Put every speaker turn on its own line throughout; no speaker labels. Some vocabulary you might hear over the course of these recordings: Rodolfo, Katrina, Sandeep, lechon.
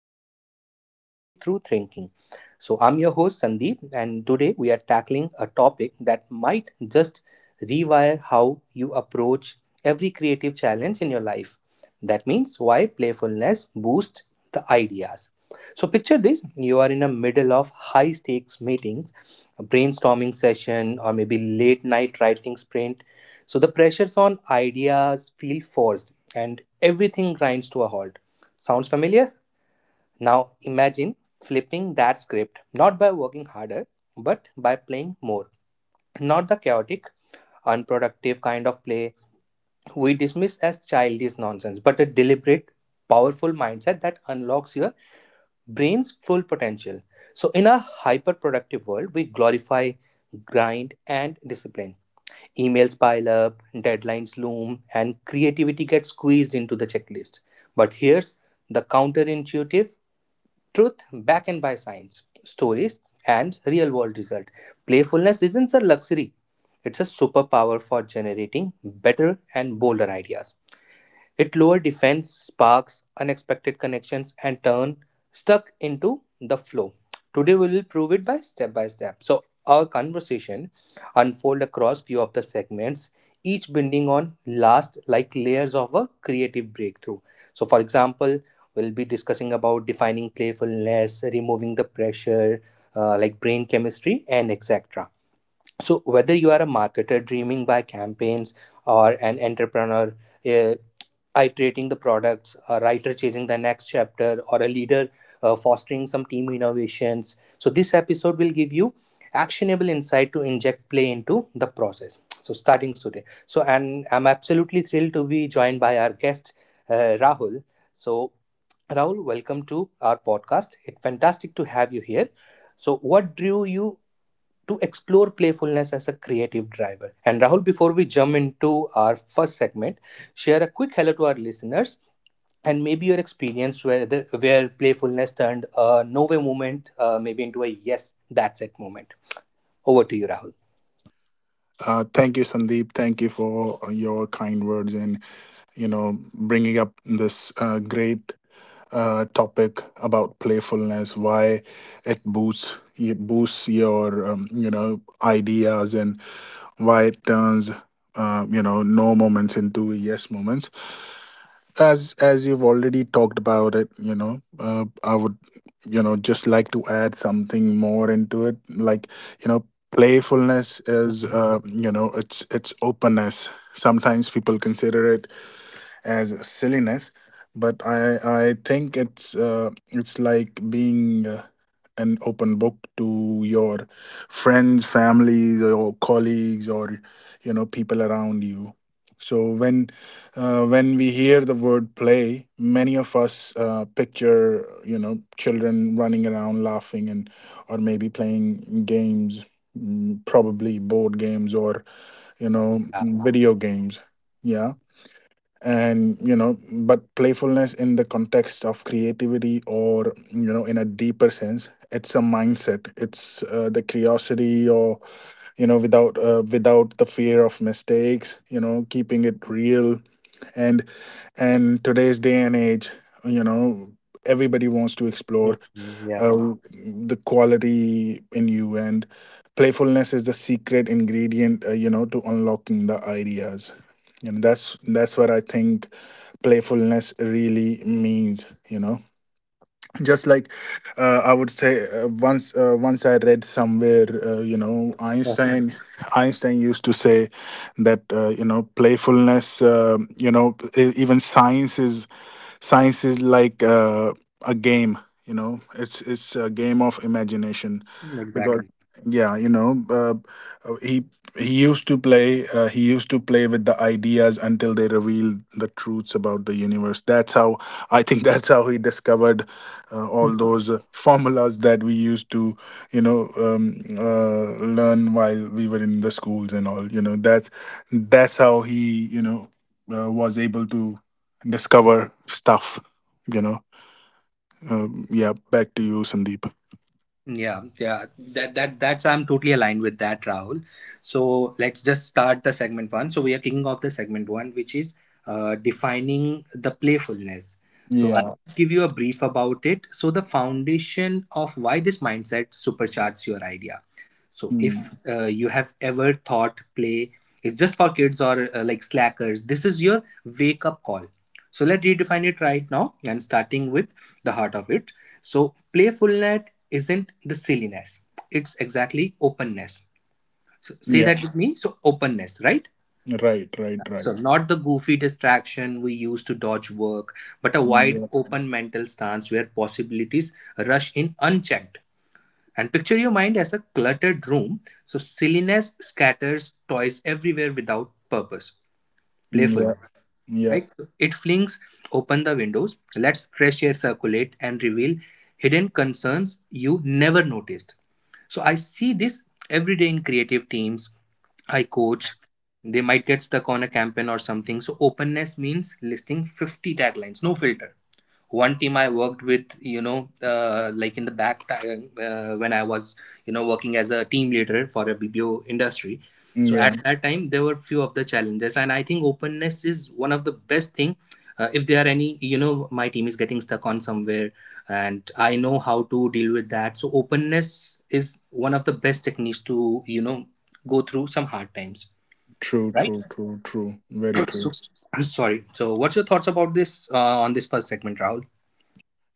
That ignite breakthrough thinking. So I'm your host, Sandeep, and today we are tackling a topic that might just rewire how you approach every creative challenge in your life. That means why playfulness boosts the ideas. So picture this, you are in the middle of high stakes meetings, a brainstorming session or maybe late night writing sprint. So the pressures on ideas feel forced and everything grinds to a halt. Sounds familiar? Now imagine flipping that script, not by working harder, but by playing more. Not the chaotic, unproductive kind of play we dismiss as childish nonsense, but a deliberate, powerful mindset that unlocks your brain's full potential. So, in a hyper productive world, we glorify grind and discipline. Emails pile up, deadlines loom, and creativity gets squeezed into the checklist. But here's the counterintuitive truth backed and by science, stories, and real world result. Playfulness isn't a luxury, it's a superpower for generating better and bolder ideas. It lower defense sparks unexpected connections and turn stuck into the flow. Today we will prove it by step by step. So our conversation unfold across few of the segments, each binding on last like layers of a creative breakthrough. So for example, we'll be discussing about defining playfulness, removing the pressure, like brain chemistry and etc. So whether you are a marketer dreaming by campaigns or an entrepreneur, uh, iterating the products, a writer chasing the next chapter, or a leader fostering some team innovations, so this episode will give you actionable insight to inject play into the process. So starting today. So and I'm absolutely thrilled to be joined by our guest, uh, Rahul. So Rahul, welcome to our podcast, it's fantastic to have you here. So what drew you to explore playfulness as a creative driver? And Rahul, before we jump into our first segment, share a quick hello to our listeners and maybe your experience where, where playfulness turned a no way moment, maybe into a yes, that's it moment. Over to you, Rahul.
Thank you, Sandeep. Thank you for your kind words and bringing up this great topic about playfulness. Why it boosts your ideas and why it turns no moments into yes moments, as you've already talked about it. I would, just like to add something more into it, you know playfulness is,
Mhm.
it's openness. Sometimes people consider it as silliness, but I think it's, it's like being an open book to your friends, families, or colleagues, or people around you. So when we hear the word play, many of us picture children running around laughing and or maybe playing games, probably board games or
Yeah.
video games. Yeah, and you know but playfulness in the context of creativity, or in a deeper sense, it's a mindset. It's, the curiosity, or without the fear of mistakes, keeping it real. And today's day and age, you know everybody wants to explore
Mhm. Yeah.
uh, the quality in you. And playfulness is the secret ingredient, to unlocking the ideas. And that's where I think playfulness really means, you know just like I would say, once I read somewhere, uh, you know
Uh,
einstein Einstein used to say that, playfulness, even science is like a game. It's a game of imagination, because
exactly.
yeah, uh, he he used to play, with the ideas until they revealed the truths about the universe. That's how I think that's how he discovered all those formulas that we used to, learn while we were in the schools and all, that's how he, was able to discover stuff, you know. Yeah, back to you, Sandeep.
Yeah, yeah, that that's I'm totally aligned with that, Rahul. So let's just start the segment one. So we are kicking off the segment one, which is defining the playfulness. So I'll
Yeah.
just give you a brief about it. So the foundation of why this mindset supercharges your idea. So if
Mm.
you have ever thought play is just for kids or like slackers, this is your wake up call. So let's redefine it right now and starting with the heart of it. So playfulness isn't the silliness, it's exactly openness. So say
Yeah.
that with me. So openness, right?
Right, right, right.
So not the goofy distraction we use to dodge work, but a wide
Yeah.
open mental stance where possibilities rush in unchecked. And picture your mind as a cluttered room. So silliness scatters toys everywhere without purpose,
Yeah.
playfulness,
Yeah.
right? So it flings open the windows, lets fresh air circulate, and reveal hidden concerns you never noticed. So I see this every day in creative teams I coach. They might get stuck on a campaign or something. So openness means listing 50 taglines, no filter. One team I worked with, you know, like in the back ti- when I was, you know, working as a team leader for a BPO industry, so
Yeah.
at that time there were few of the challenges, and I think openness is one of the best thing. If there are any, you know, my team is getting stuck on somewhere, and I know how to deal with that. So openness is one of the best techniques to, you know, go through some hard times,
True,
right?
true, true, true. Very true.
So sorry, so what's your thoughts about this, on this first segment, Rahul?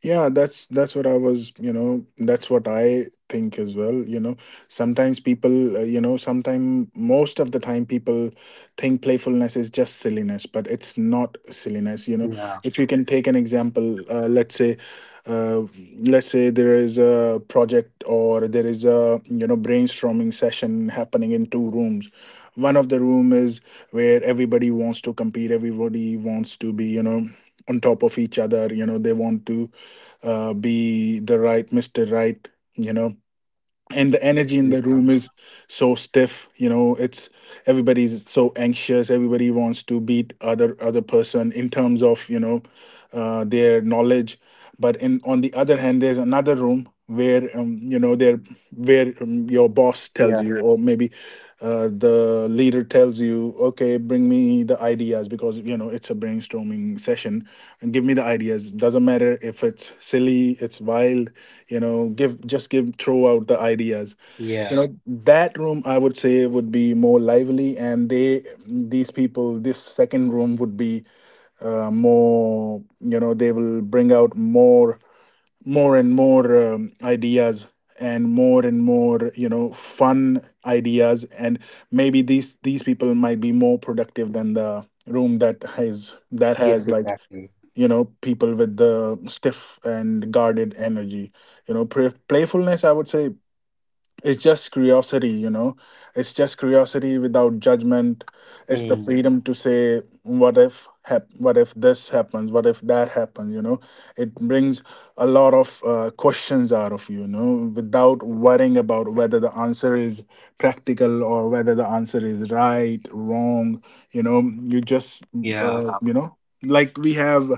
Yeah, that's what I was, you know, that's what I think as well, you know. Sometimes people, you know, sometime most of the time people think playfulness is just silliness, but it's not silliness, you know.
Yeah,
If you can take an example, uh, let's say there is a project, or there is a, you know, brainstorming session happening in two rooms. One of the room is where everybody wants to compete, everybody wants to be, you know, on top of each other. They want to be the right Mr. Right, you know. And the energy in the room
yeah,
is so stiff, you know. It's everybody's so anxious, everybody wants to beat other person in terms of, their knowledge. But in on the other hand, there's another room where you know there where, your boss tells
yeah.
you, or maybe the leader tells you, okay, bring me the ideas because, you know, it's a brainstorming session, and give me the ideas. Doesn't matter if it's silly, it's wild, you know. Give just give throw out the ideas,
Yeah.
you know. That room, I would say, would be more lively. And they These people, this second room, would be more, you know, they will bring out more and more, ideas, and more and more, you know, fun ideas. And maybe these people might be more productive than the room that has
Yes,
like,
exactly.
you know, people with the stiff and guarded energy, you know. Playfulness, I would say, it's just curiosity, you know. It's just curiosity without judgment. It's the
Hmm.
freedom to say, "What if? What if this happens? What if that happens?" You know, it brings a lot of questions out of you, you know, without worrying about whether the answer is practical, or whether the answer is right, wrong. You know, you just,
Yeah.
uh, you know, like we have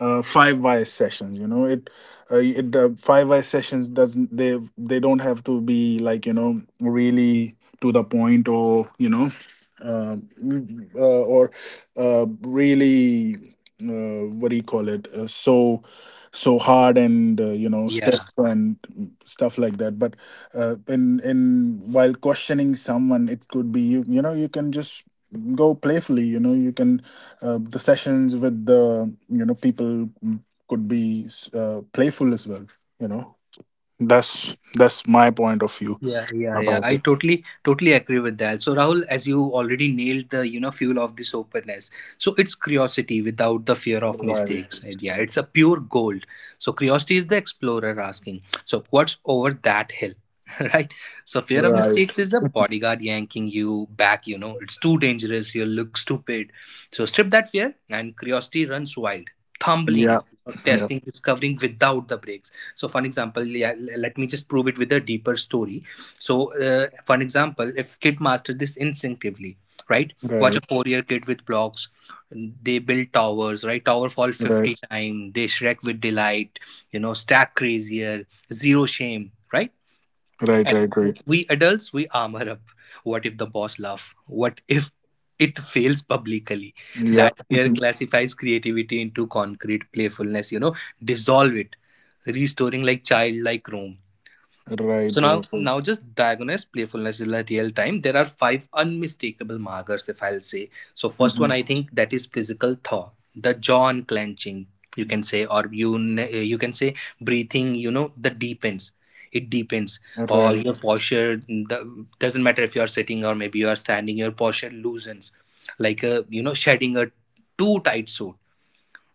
five wise sessions. You know, it, it five wise sessions doesn't, they don't have to be like, you know, really to the point, or uh, uh, or really, what do you call it, so so hard and, you know,
Yeah.
steps and stuff like that. But in while questioning someone, it could be, you know, you can just go playfully, you know. You can, the sessions with the, you know, people, could be playful as well, you know. That's my point of view
Yeah, yeah, yeah.
about.
I totally, totally agree with that. So, Rahul, as you already nailed the, you know, fuel of this openness. So it's curiosity without the fear of mistakes. And yeah, it's a pure gold. So curiosity is the explorer asking, so what's over that hill? Right? So fear of mistakes is a bodyguard yanking you back, you know, it's too dangerous, you look stupid. So strip that fear and curiosity runs wild, tumbling.
Yeah.
Or
Yeah.
Testing, discovering without the breaks. So, for an example, yeah, let me just prove it with a deeper story. So, for an example, if kid master this instinctively, right? Watch a
Right,
four-year kid with blocks. They build towers, right? Tower fall 50
right,
times; they shred with delight. You know, stack crazier. Zero shame, right?
right,
And
right, right.
we adults, we armor up. What if the boss laugh? What if it fails publicly?
Yeah.
That fear classifies creativity into concrete playfulness. You know, dissolve it, restoring like child, like Rome. So now, now just diagnose playfulness in a real time. There are five unmistakable markers, if I'll say. So first one,
Mhm.
I think that is physical thaw, the jaw unclenching, you can say, or you can say breathing. You know, the deepens. It deepens,
Right, right,
or
right. Mhm. Right,
your
right.
posture. The, doesn't matter if you are sitting or maybe you are standing. Your posture loosens, like a you know shedding a too tight suit,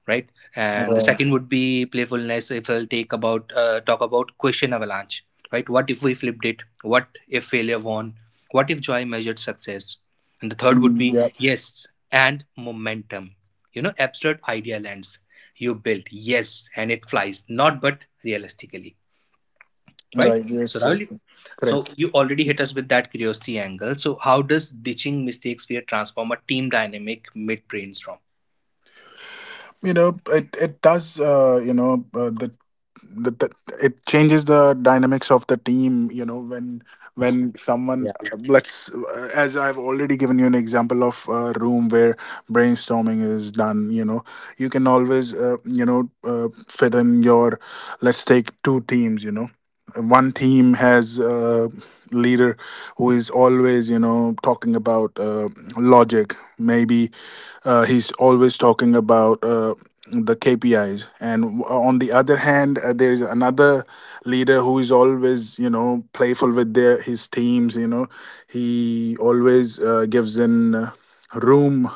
right? And the second would be playfulness. If I'll take about talk about question avalanche, right? What if we flipped it? What if failure won? What if joy measured success? And the third would
Mm,
be
yeah.
yes and momentum. You know, abstract idea lands. You build yes, and it flies. Not but realistically, right?
Right. Yes,
So
sir.
Rahul, so
Correct.
you already hit us with that curiosity angle. So how does ditching mistakes fear transform a team dynamic mid brainstorm?
You know, it does, you know the it changes the dynamics of the team, you know. When
Yeah,
someone, let's as I've already given you an example of a room where brainstorming is done, you know, you can always, fit in your, let's take two teams, you know. One team has a leader who is always, you know, talking about, logic, maybe, he's always talking about, the kpis. On the other hand, there is another leader who is always, you know, playful with their his teams, you know. He always, gives in, room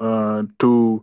uh, to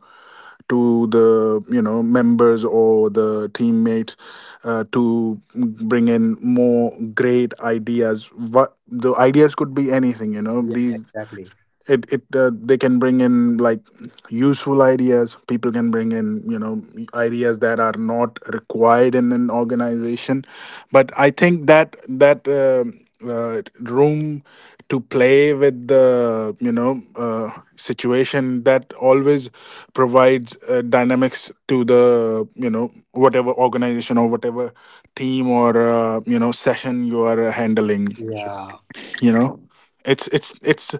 to the, you know, members or the teammates, to bring in more great ideas. What the ideas could be anything, you know.
yeah,
These
exactly.
it it They can bring in like useful ideas, people can bring in, you know, ideas that are not required in an organization. But I think that room to play with the, situation, that always provides, dynamics to the, you know, whatever organization or whatever team or, you know, session you are, handling,
Yeah.
you know. It's, it's it's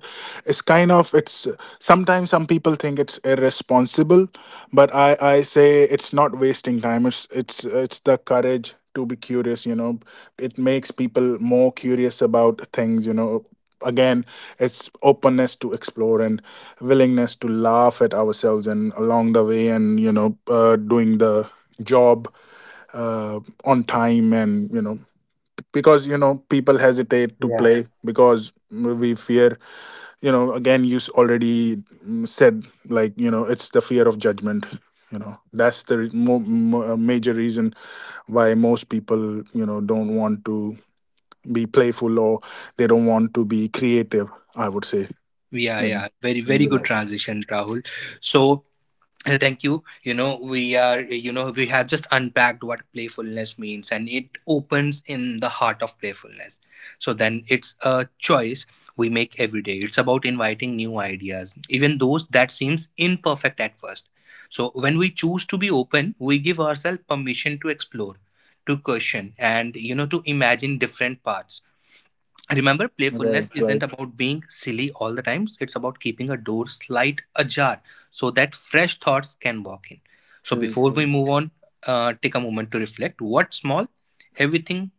it's kind of, it's sometimes some people think it's irresponsible, but I say it's not wasting time. It's the courage to be curious, you know. It makes people more curious about things, you know. Again, it's openness to explore, and willingness to laugh at ourselves and along the way, and, you know, doing the job, on time, and, you know, because, you know, people hesitate to
Yeah.
play because we fear, you know. Again, you, said like, you know, it's the fear of judgment, you know. That's the, major reason why most people, you know, don't want to be playful, or they don't want to be creative, I would say,
Yeah,
you know.
yeah, very, very good transition, Rahul. So, thank you. You know, we are, you know, we have just unpacked what playfulness means and it opens in the heart of playfulness. So, then it's a choice we make every day. It's about inviting new ideas, even those that seems imperfect at first. So, when we choose to be open, we give ourselves permission to explore, to question, and, you know, to imagine different paths. Remember,
Right,
playfulness isn't
right.
about being silly all the times. It's about keeping a door slight ajar so that fresh thoughts can walk in. So
True,
before we
true.
move on, take a moment to reflect. What small, everything,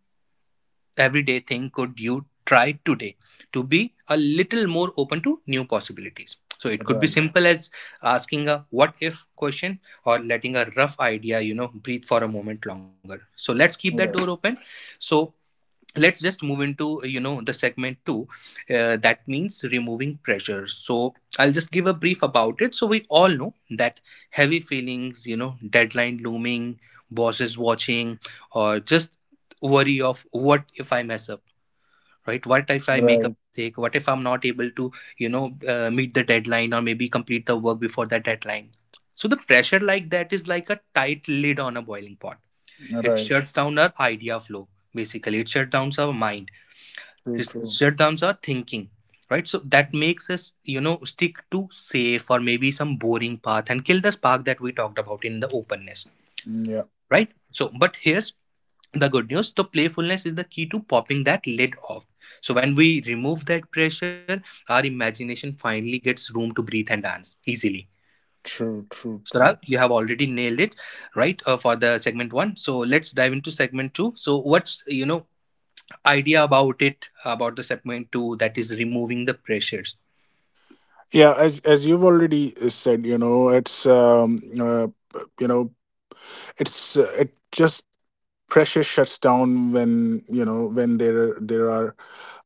everyday thing could you try today to be a little more open to new possibilities? So it could be
Right,
simple as asking a what if question, or letting a rough idea, you know, breathe for a moment longer. So let's keep that door
right,
open. So let's just move into you know the segment two, that means removing pressure. So I'll just give a brief about it. So we all know that heavy feelings, you know, deadline looming, bosses watching, or just worry of what if I mess up, right? What if I make a mistake? What if I'm not able to, you know, meet the deadline or maybe complete the work before that deadline? So the pressure like that is like a tight lid on a boiling pot. It
right.
shuts down our idea flow. Basically it shuts down our mind.
True,
His
true.
shutdowns are thinking, right? So that makes us, you know, stick to safe or maybe some boring path and kill the spark that we talked about in the openness,
Yeah,
right? So, but here's the good news, the playfulness is the key to popping that lid off. So, when we remove that pressure, our imagination finally gets room to breathe and dance easily.
true, true,
So, Rag,
true.
you have already nailed it, right? For the segment one. So, let's dive into segment two. So, what's, you know, idea about it, about the segment two that is removing the pressures?
Yeah, as you've already, said, you know, it's, uh, you know, it's, it just, pressure shuts down when, you know, when there are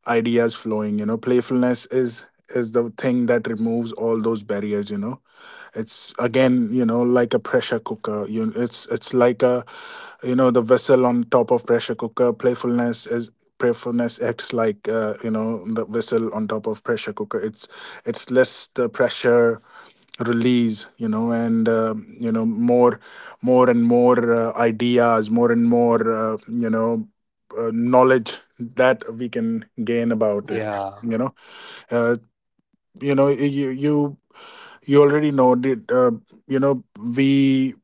ideas flowing. You know, playfulness is the thing that removes all those barriers. You know, it's again, you know, like a pressure cooker. It's like a, you know, the vessel on top of pressure cooker. Playfulness acts like, you know, the vessel on top of pressure cooker. It's, less the pressure release, you know, and, you know, more and more, ideas, more and more, you know, knowledge that we can gain about it.
Yeah.
You know, uh, you know, you you you already know did you know we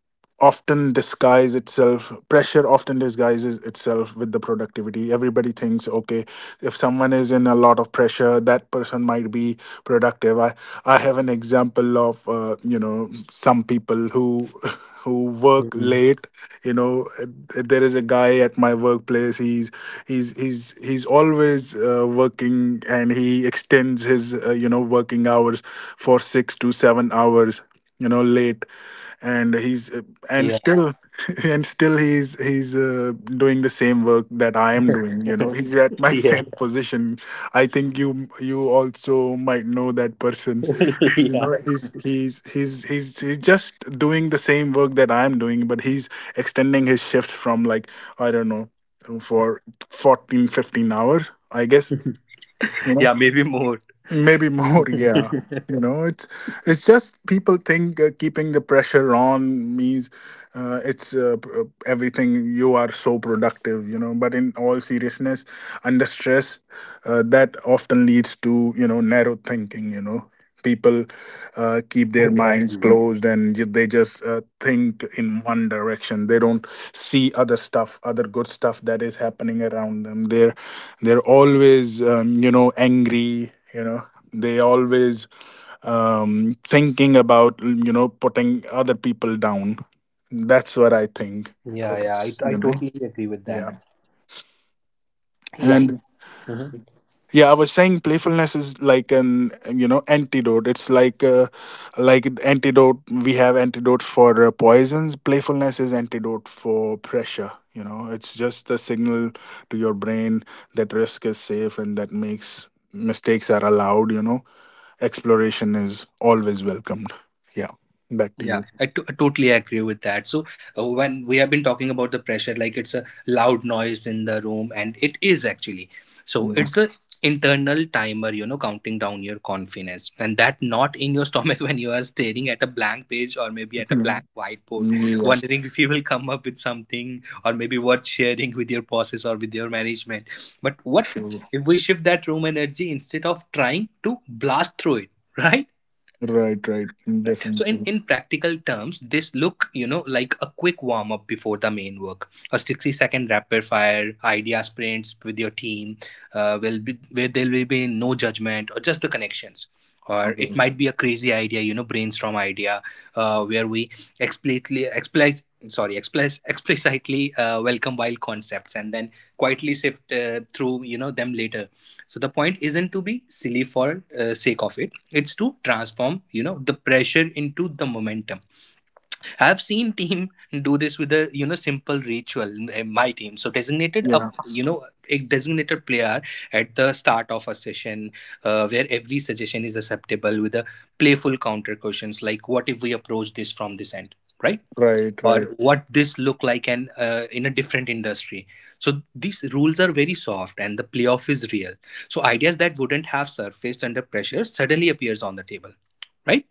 often disguise itself, pressure often disguises itself with the productivity. Everybody thinks, okay, if someone is in a lot of pressure that person might be productive. I have an example of some people who who work
Hmm.
late you know uh, there is a guy at my workplace. He's always working, and he extends his working hours for 6 to 7 hours late. And he's uh, and
Yeah.
still and still he's doing the same work that I am doing. He's at my
Yeah.
same position. I think you also might know that person.
Yeah.
He's just doing the same work that I'm doing, but he's extending his shifts from, like, I don't know, for 14, 15 hours, I guess.
Yeah. Maybe more.
Maybe more, yeah.
Exactly.
you know it's it's just people think, keeping the pressure on means, everything, you are so productive. But in all seriousness, under stress, that often leads to narrow thinking. People keep their minds closed, and they just think in one direction. They don't see other stuff, other good stuff that is happening around them. Their They're always angry. They always thinking about, putting other people down. That's what I think.
Yeah.
Okay.
Yeah, I
You know?
totally agree with that.
Yeah.
Yeah.
And, yeah, I was saying playfulness is like an, antidote. It's like antidote. We have antidotes for poisons. Playfulness is antidote for pressure. It's just a signal to your brain that risk is safe and that makes mistakes are allowed. Exploration is always welcomed. Yeah, back to you.
Yeah, I totally agree with that. So when we have been talking about the pressure, like it's a loud noise in the room, and it is actually. So
Yeah.
it's the internal timer, you know, counting down your confidence, and that not in your stomach when you are staring at a blank page or maybe at a blank whiteboard,
Yeah,
wondering if you will come up with something or maybe worth sharing with your bosses or with your management. But what
true.
if we shift that room energy instead of trying to blast through it, right?
Right, right,
Right. So
definitely.
in practical terms, this look, you know, like a quick warm up before the main work, a 60-second rapid fire idea sprints with your team, will be where there will be no judgment or just the connections. Or it
Okay.
might be a crazy idea, you know, brainstorm idea, where we explicitly, explicit, sorry, explicit, explicitly welcome wild concepts and then quietly sift through, you know, them later. So the point isn't to be silly for sake of it. It's to transform, you know, the pressure into the momentum. I've seen team do this with a, you know, simple ritual in my team. So designated
Yeah.
up, you know, a designated player at the start of a session, where every suggestion is acceptable with a playful counter questions like, what if we approach this from this end, right?
Right,
Or
right,
what this look like, and in a different industry. So these rules are very soft and the playoff is real. So ideas that wouldn't have surfaced under pressure suddenly appears on the table, right?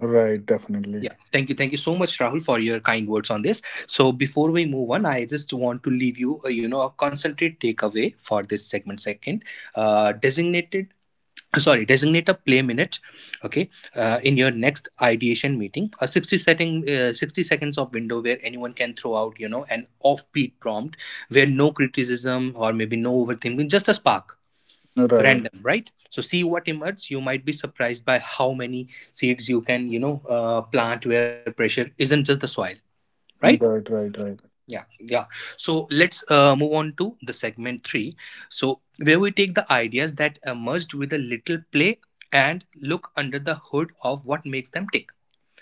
right, definitely.
Yeah, thank you, thank you so much, Rahul, for your kind words on this. So before we move on, I just want to leave you you know, a concentrate takeaway for this segment second. Designated, sorry, designate a play minute. Okay. In your next ideation meeting, a 60 setting, 60 seconds of window where anyone can throw out, you know, an offbeat prompt, where no criticism or maybe no overthinking, just a spark,
Right,
random, right? So see what emerges. You might be surprised by how many seeds you can, you know, plant where pressure isn't just the soil, right?
right, right, right,
Yeah, yeah. So let's move on to the segment three. So where we take the ideas that emerged with a little play and look under the hood of what makes them tick.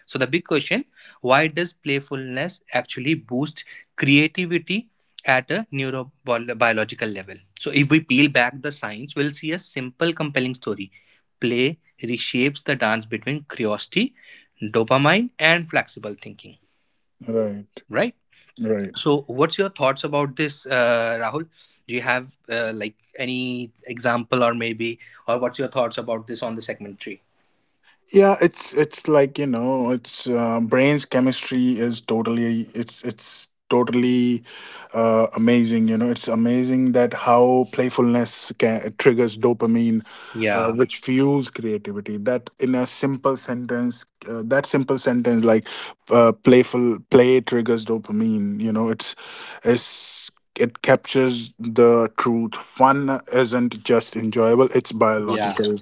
So the big question: why does playfulness actually boost creativity at a neurobiological level? So if we peel back the science, we'll see a simple, compelling story. Play reshapes the dance between curiosity, dopamine, and flexible thinking.
right,
Right?
right.
So what's your thoughts about this, Rahul? Do you have like any example, or maybe, or what's your thoughts about this on the segmentary?
Yeah, it's like, it's brain's chemistry is totally, it's totally amazing. It's amazing that how playfulness can, triggers dopamine,
Yeah,
which fuels creativity. That in a simple sentence, that simple sentence, like, playful play triggers dopamine. It's it captures the truth. Fun isn't just enjoyable; it's
yeah,
biological.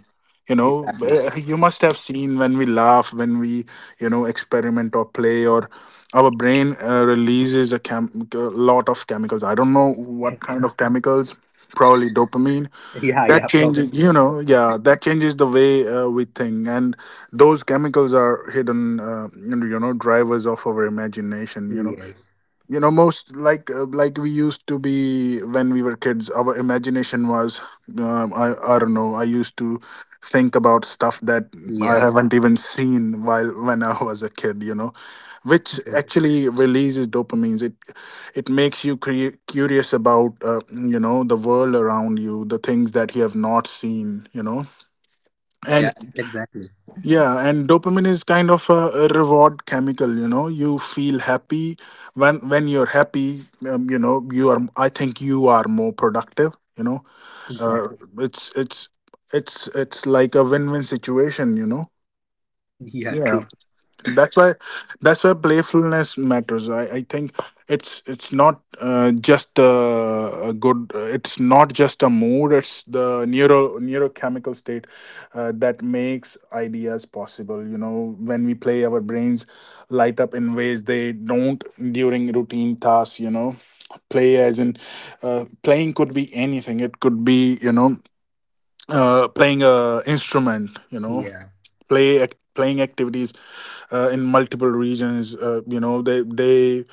exactly.
You must have seen when we laugh, when we, experiment or play, or our brain releases a lot of chemicals. I don't know what kind of chemicals, probably dopamine,
Yeah,
that
yeah, probably.
changes, yeah, that changes the way, we think. And those chemicals are hidden, drivers of our imagination. You know
Yes.
most, like, like we used to be when we were kids, our imagination was, I don't know, I used to think about stuff that I. Yeah.
Yeah.
Haven't even seen, while when I was a kid. Which
Yes.
actually releases dopamines. It makes you curious about, the world around you, the things that you have not seen. And.
Yeah. Exactly.
Yeah, and dopamine is kind of a reward chemical, you know. You feel happy, when you're happy, you are, I think you are more productive, you know. Uh,
Exactly.
it's it's it's like a win-win situation, you know.
Yeah.
Yeah,
True.
that's why that's why playfulness matters, I think. It's not just a good, it's not just a mood, it's the neurochemical state that makes ideas possible. When we play, our brains light up in ways they don't during routine tasks. Play, as in playing, could be anything. It could be, playing a instrument.
Yeah.
Playing activities in multiple regions,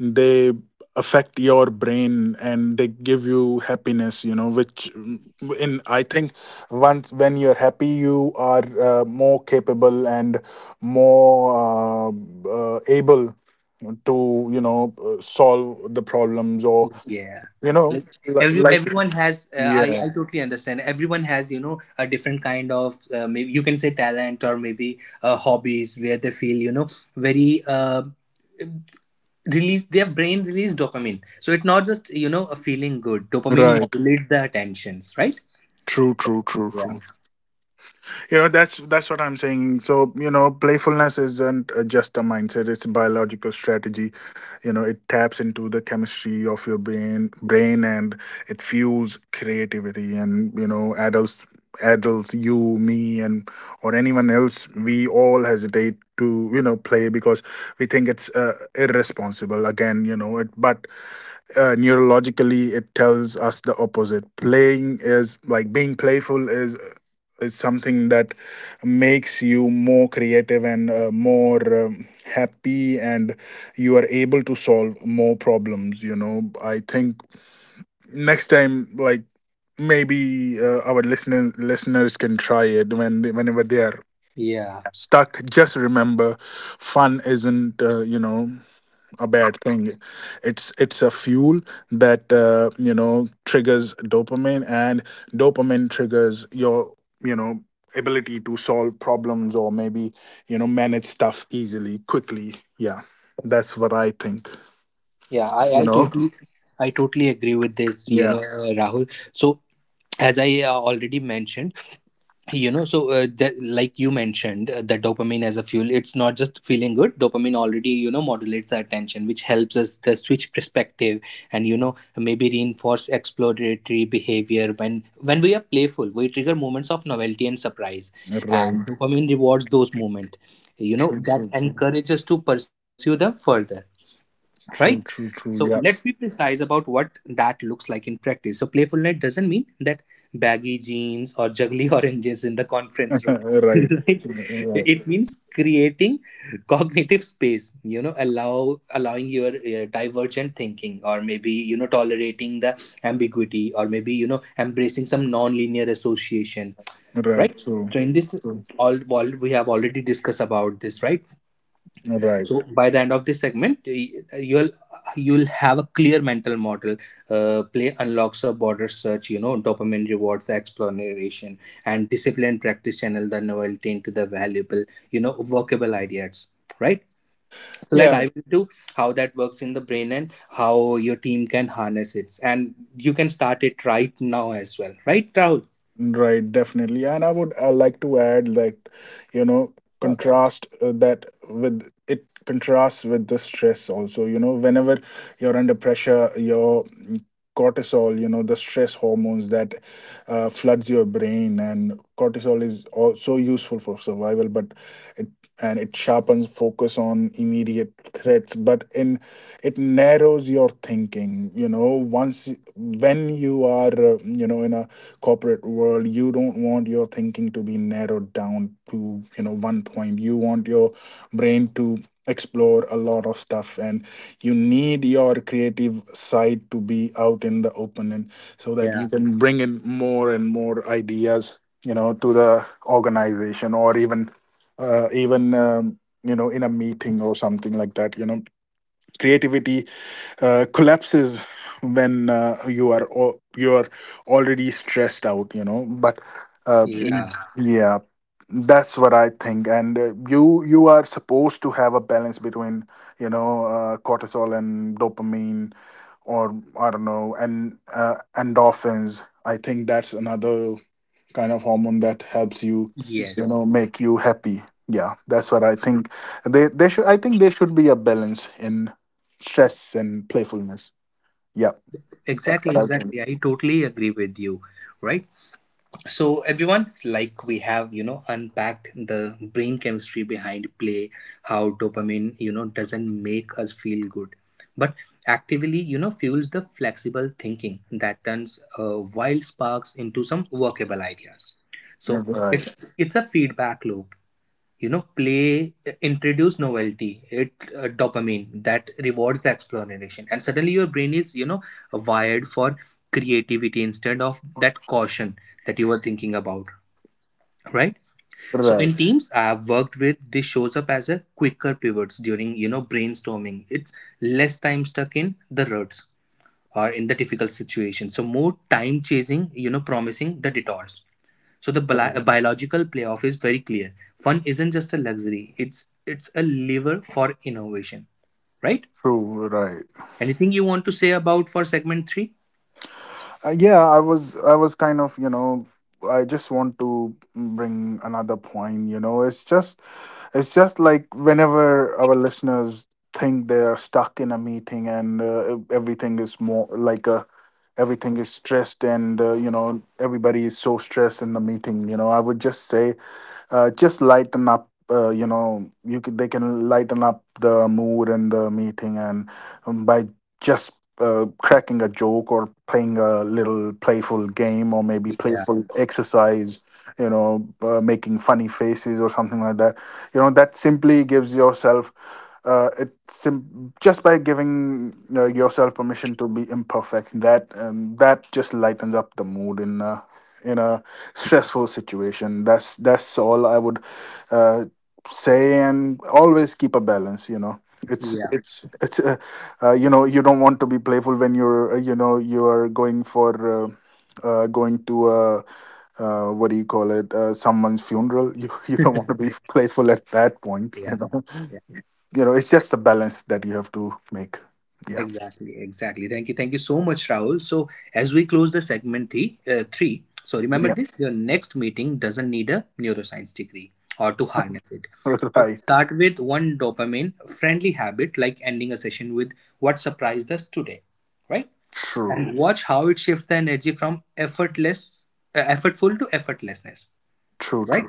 they affect your brain and they give you happiness. Which, in I think, once when you're happy, you are more capable and more, able to, solve the problems, or
Yeah.
you know
Like, every
like.
everyone has, I
Yeah.
I totally understand. Everyone has, you know, a different kind of maybe you can say talent or maybe hobbies where they feel, you know, very. Release their brain, release dopamine. So it's not just, you know, a feeling good. Dopamine
Right.
modulates the attentions, right?
True, true, true,
Yeah,
true. That's what I'm saying. So, playfulness isn't just a mindset, it's a biological strategy. It taps into the chemistry of your brain, and it fuels creativity. And, adults, you, me, and, or anyone else, we all hesitate to, play, because we think it's irresponsible, again, it, but, neurologically it tells us the opposite. Playing is like, being playful is, is something that makes you more creative and, more, happy, and you are able to solve more problems. I think, next time, like, maybe, our listeners can try it when whenever they are
yeah,
stuck. Just remember, fun isn't, a bad thing. It's a fuel that, triggers dopamine, and dopamine triggers your, you know ability to solve problems, or maybe, manage stuff easily, quickly. Yeah, that's what I think.
yeah. i
you
i
know
totally, I totally agree with this, you know,
yeah,
Rahul. So as I already mentioned, you know. So that, like you mentioned, the dopamine as a fuel, it's not just feeling good. Dopamine already, you know, modulates the attention, which helps us the switch perspective. And, you know, maybe reinforce exploratory behavior. When we are playful, we trigger moments of novelty and surprise, and
right,
dopamine rewards those moments, you know,
true,
that
true, true,
encourages us to pursue them further, right?
true, true,
So
true,
let's be
yeah.
precise about what that looks like in practice. So playfulness doesn't mean that baggy jeans or juggly oranges in the conference room,
Right,
right?
right,
It means creating cognitive space, you know, allowing your divergent thinking, or maybe, you know, tolerating the ambiguity, or maybe, you know, embracing some non-linear association,
right,
right?
true,
So in this,
true,
all we have already discussed about this, right?
right.
So by the end of this segment, you'll you'll have a clear mental model. Play unlocks a border search, you know, dopamine rewards the exploration, and discipline practice channel the novelty into the valuable, you know, workable ideas. Right. So let's
Yeah.
dive into how that works in the brain, and how your team can harness it. And you can start it right now as well. Right, Rahul?
Right, definitely. And I would, like to add that, you know,
Sure.
contrast that with it contrasts with the stress also. You know, whenever you're under pressure, your, cortisol, you know, the stress hormones that, floods your brain, and cortisol is also useful for survival, but it and it sharpens focus on immediate threats, but in it narrows your thinking. You know, once when you are, in a corporate world, you don't want your thinking to be narrowed down to, one point. You want your brain to explore a lot of stuff, and you need your creative side to be out in the open, and so that
Yeah.
you can bring in more and more ideas, to the organization, or even, in a meeting or something like that. Creativity collapses when, you are, you are already stressed out. But, yeah.
Yeah.
Yeah, that's what I think. And, you are supposed to have a balance between, cortisol and dopamine, or I don't know, and, endorphins, I think that's another kind of hormone that helps you, you
Yes.
know make you happy. Yeah, that's what I think. They should I think there should be a balance in stress and playfulness. Yeah, that's
Exactly.
what I think.
Exactly. I totally agree with you. Right. So everyone, like we have, you know, unpacked the brain chemistry behind play, how dopamine, you know, doesn't make us feel good, but actively, you know, fuels the flexible thinking that turns wild sparks into some workable ideas. So
Right,
it's it's a feedback loop, you know. Play introduce novelty. It dopamine that rewards the exploration, and suddenly your brain is, you know, wired for creativity instead of that caution that you were thinking about, right? So
right,
in teams I have worked with, this shows up as a quicker pivots during, you know, brainstorming. It's less time stuck in the ruts or in the difficult situation, so more time chasing, you know, promising the detours. So the biological playoff is very clear. Fun isn't just a luxury; it's a lever for innovation, right?
true, right.
Anything you want to say about for segment three?
Yeah, I was kind of, you know, I just want to bring another point, you know. It's just like, whenever our listeners think they are stuck in a meeting, and, everything is, more like a everything is stressed, and, everybody is so stressed in the meeting. I would just say, just lighten up, they can lighten up the mood in the meeting, and, by just, cracking a joke, or playing a little playful game, or maybe
Yeah,
playful exercise, making funny faces or something like that. That simply gives yourself, just by giving, yourself permission to be imperfect, that just lightens up the mood in a stressful situation. That's all I would, uh, say. And always keep a balance, you know. it's
yeah,
it's it's uh, you don't want to be playful when you're, you are going for, uh, going to, what do you call it, someone's funeral. You You don't want to be playful at that point, you
yeah,
know.
yeah.
It's just a balance that you have to make. Yeah,
Exactly, exactly. Thank you so much, Rahul. So as we close the segment three, So remember
yeah.
this: your next meeting doesn't need a neuroscience degree or to harness it. So
Right,
start with one dopamine friendly habit, like ending a session with "What surprised us today." Right,
true,
and watch how it shifts the energy from effortless effortful to effortlessness.
true, true,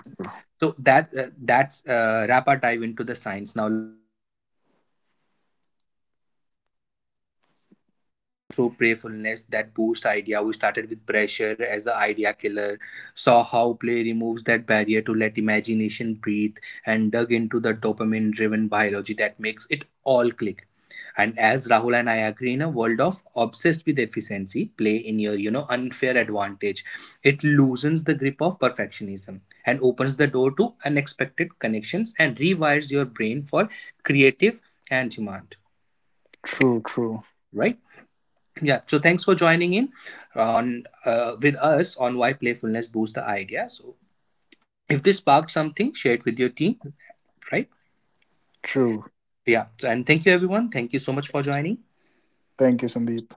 Playfulness, that boost idea. We started with pressure as the idea killer, saw how play removes that barrier to let imagination breathe, and dug into the dopamine driven biology that makes it all click. And as Rahul and I agree, in a world of obsessed with efficiency, play in your, you know, unfair advantage, it loosens the grip of perfectionism and opens the door to unexpected connections, and rewires your brain for creative and demand.
true, true, true,
Right? Yeah, so thanks for joining in on, with us on why playfulness boosts the idea. So if this sparked something, share it with your team, right?
true.
Yeah, so, and thank you everyone, thank you so much for joining.
Thank you, Sandeep.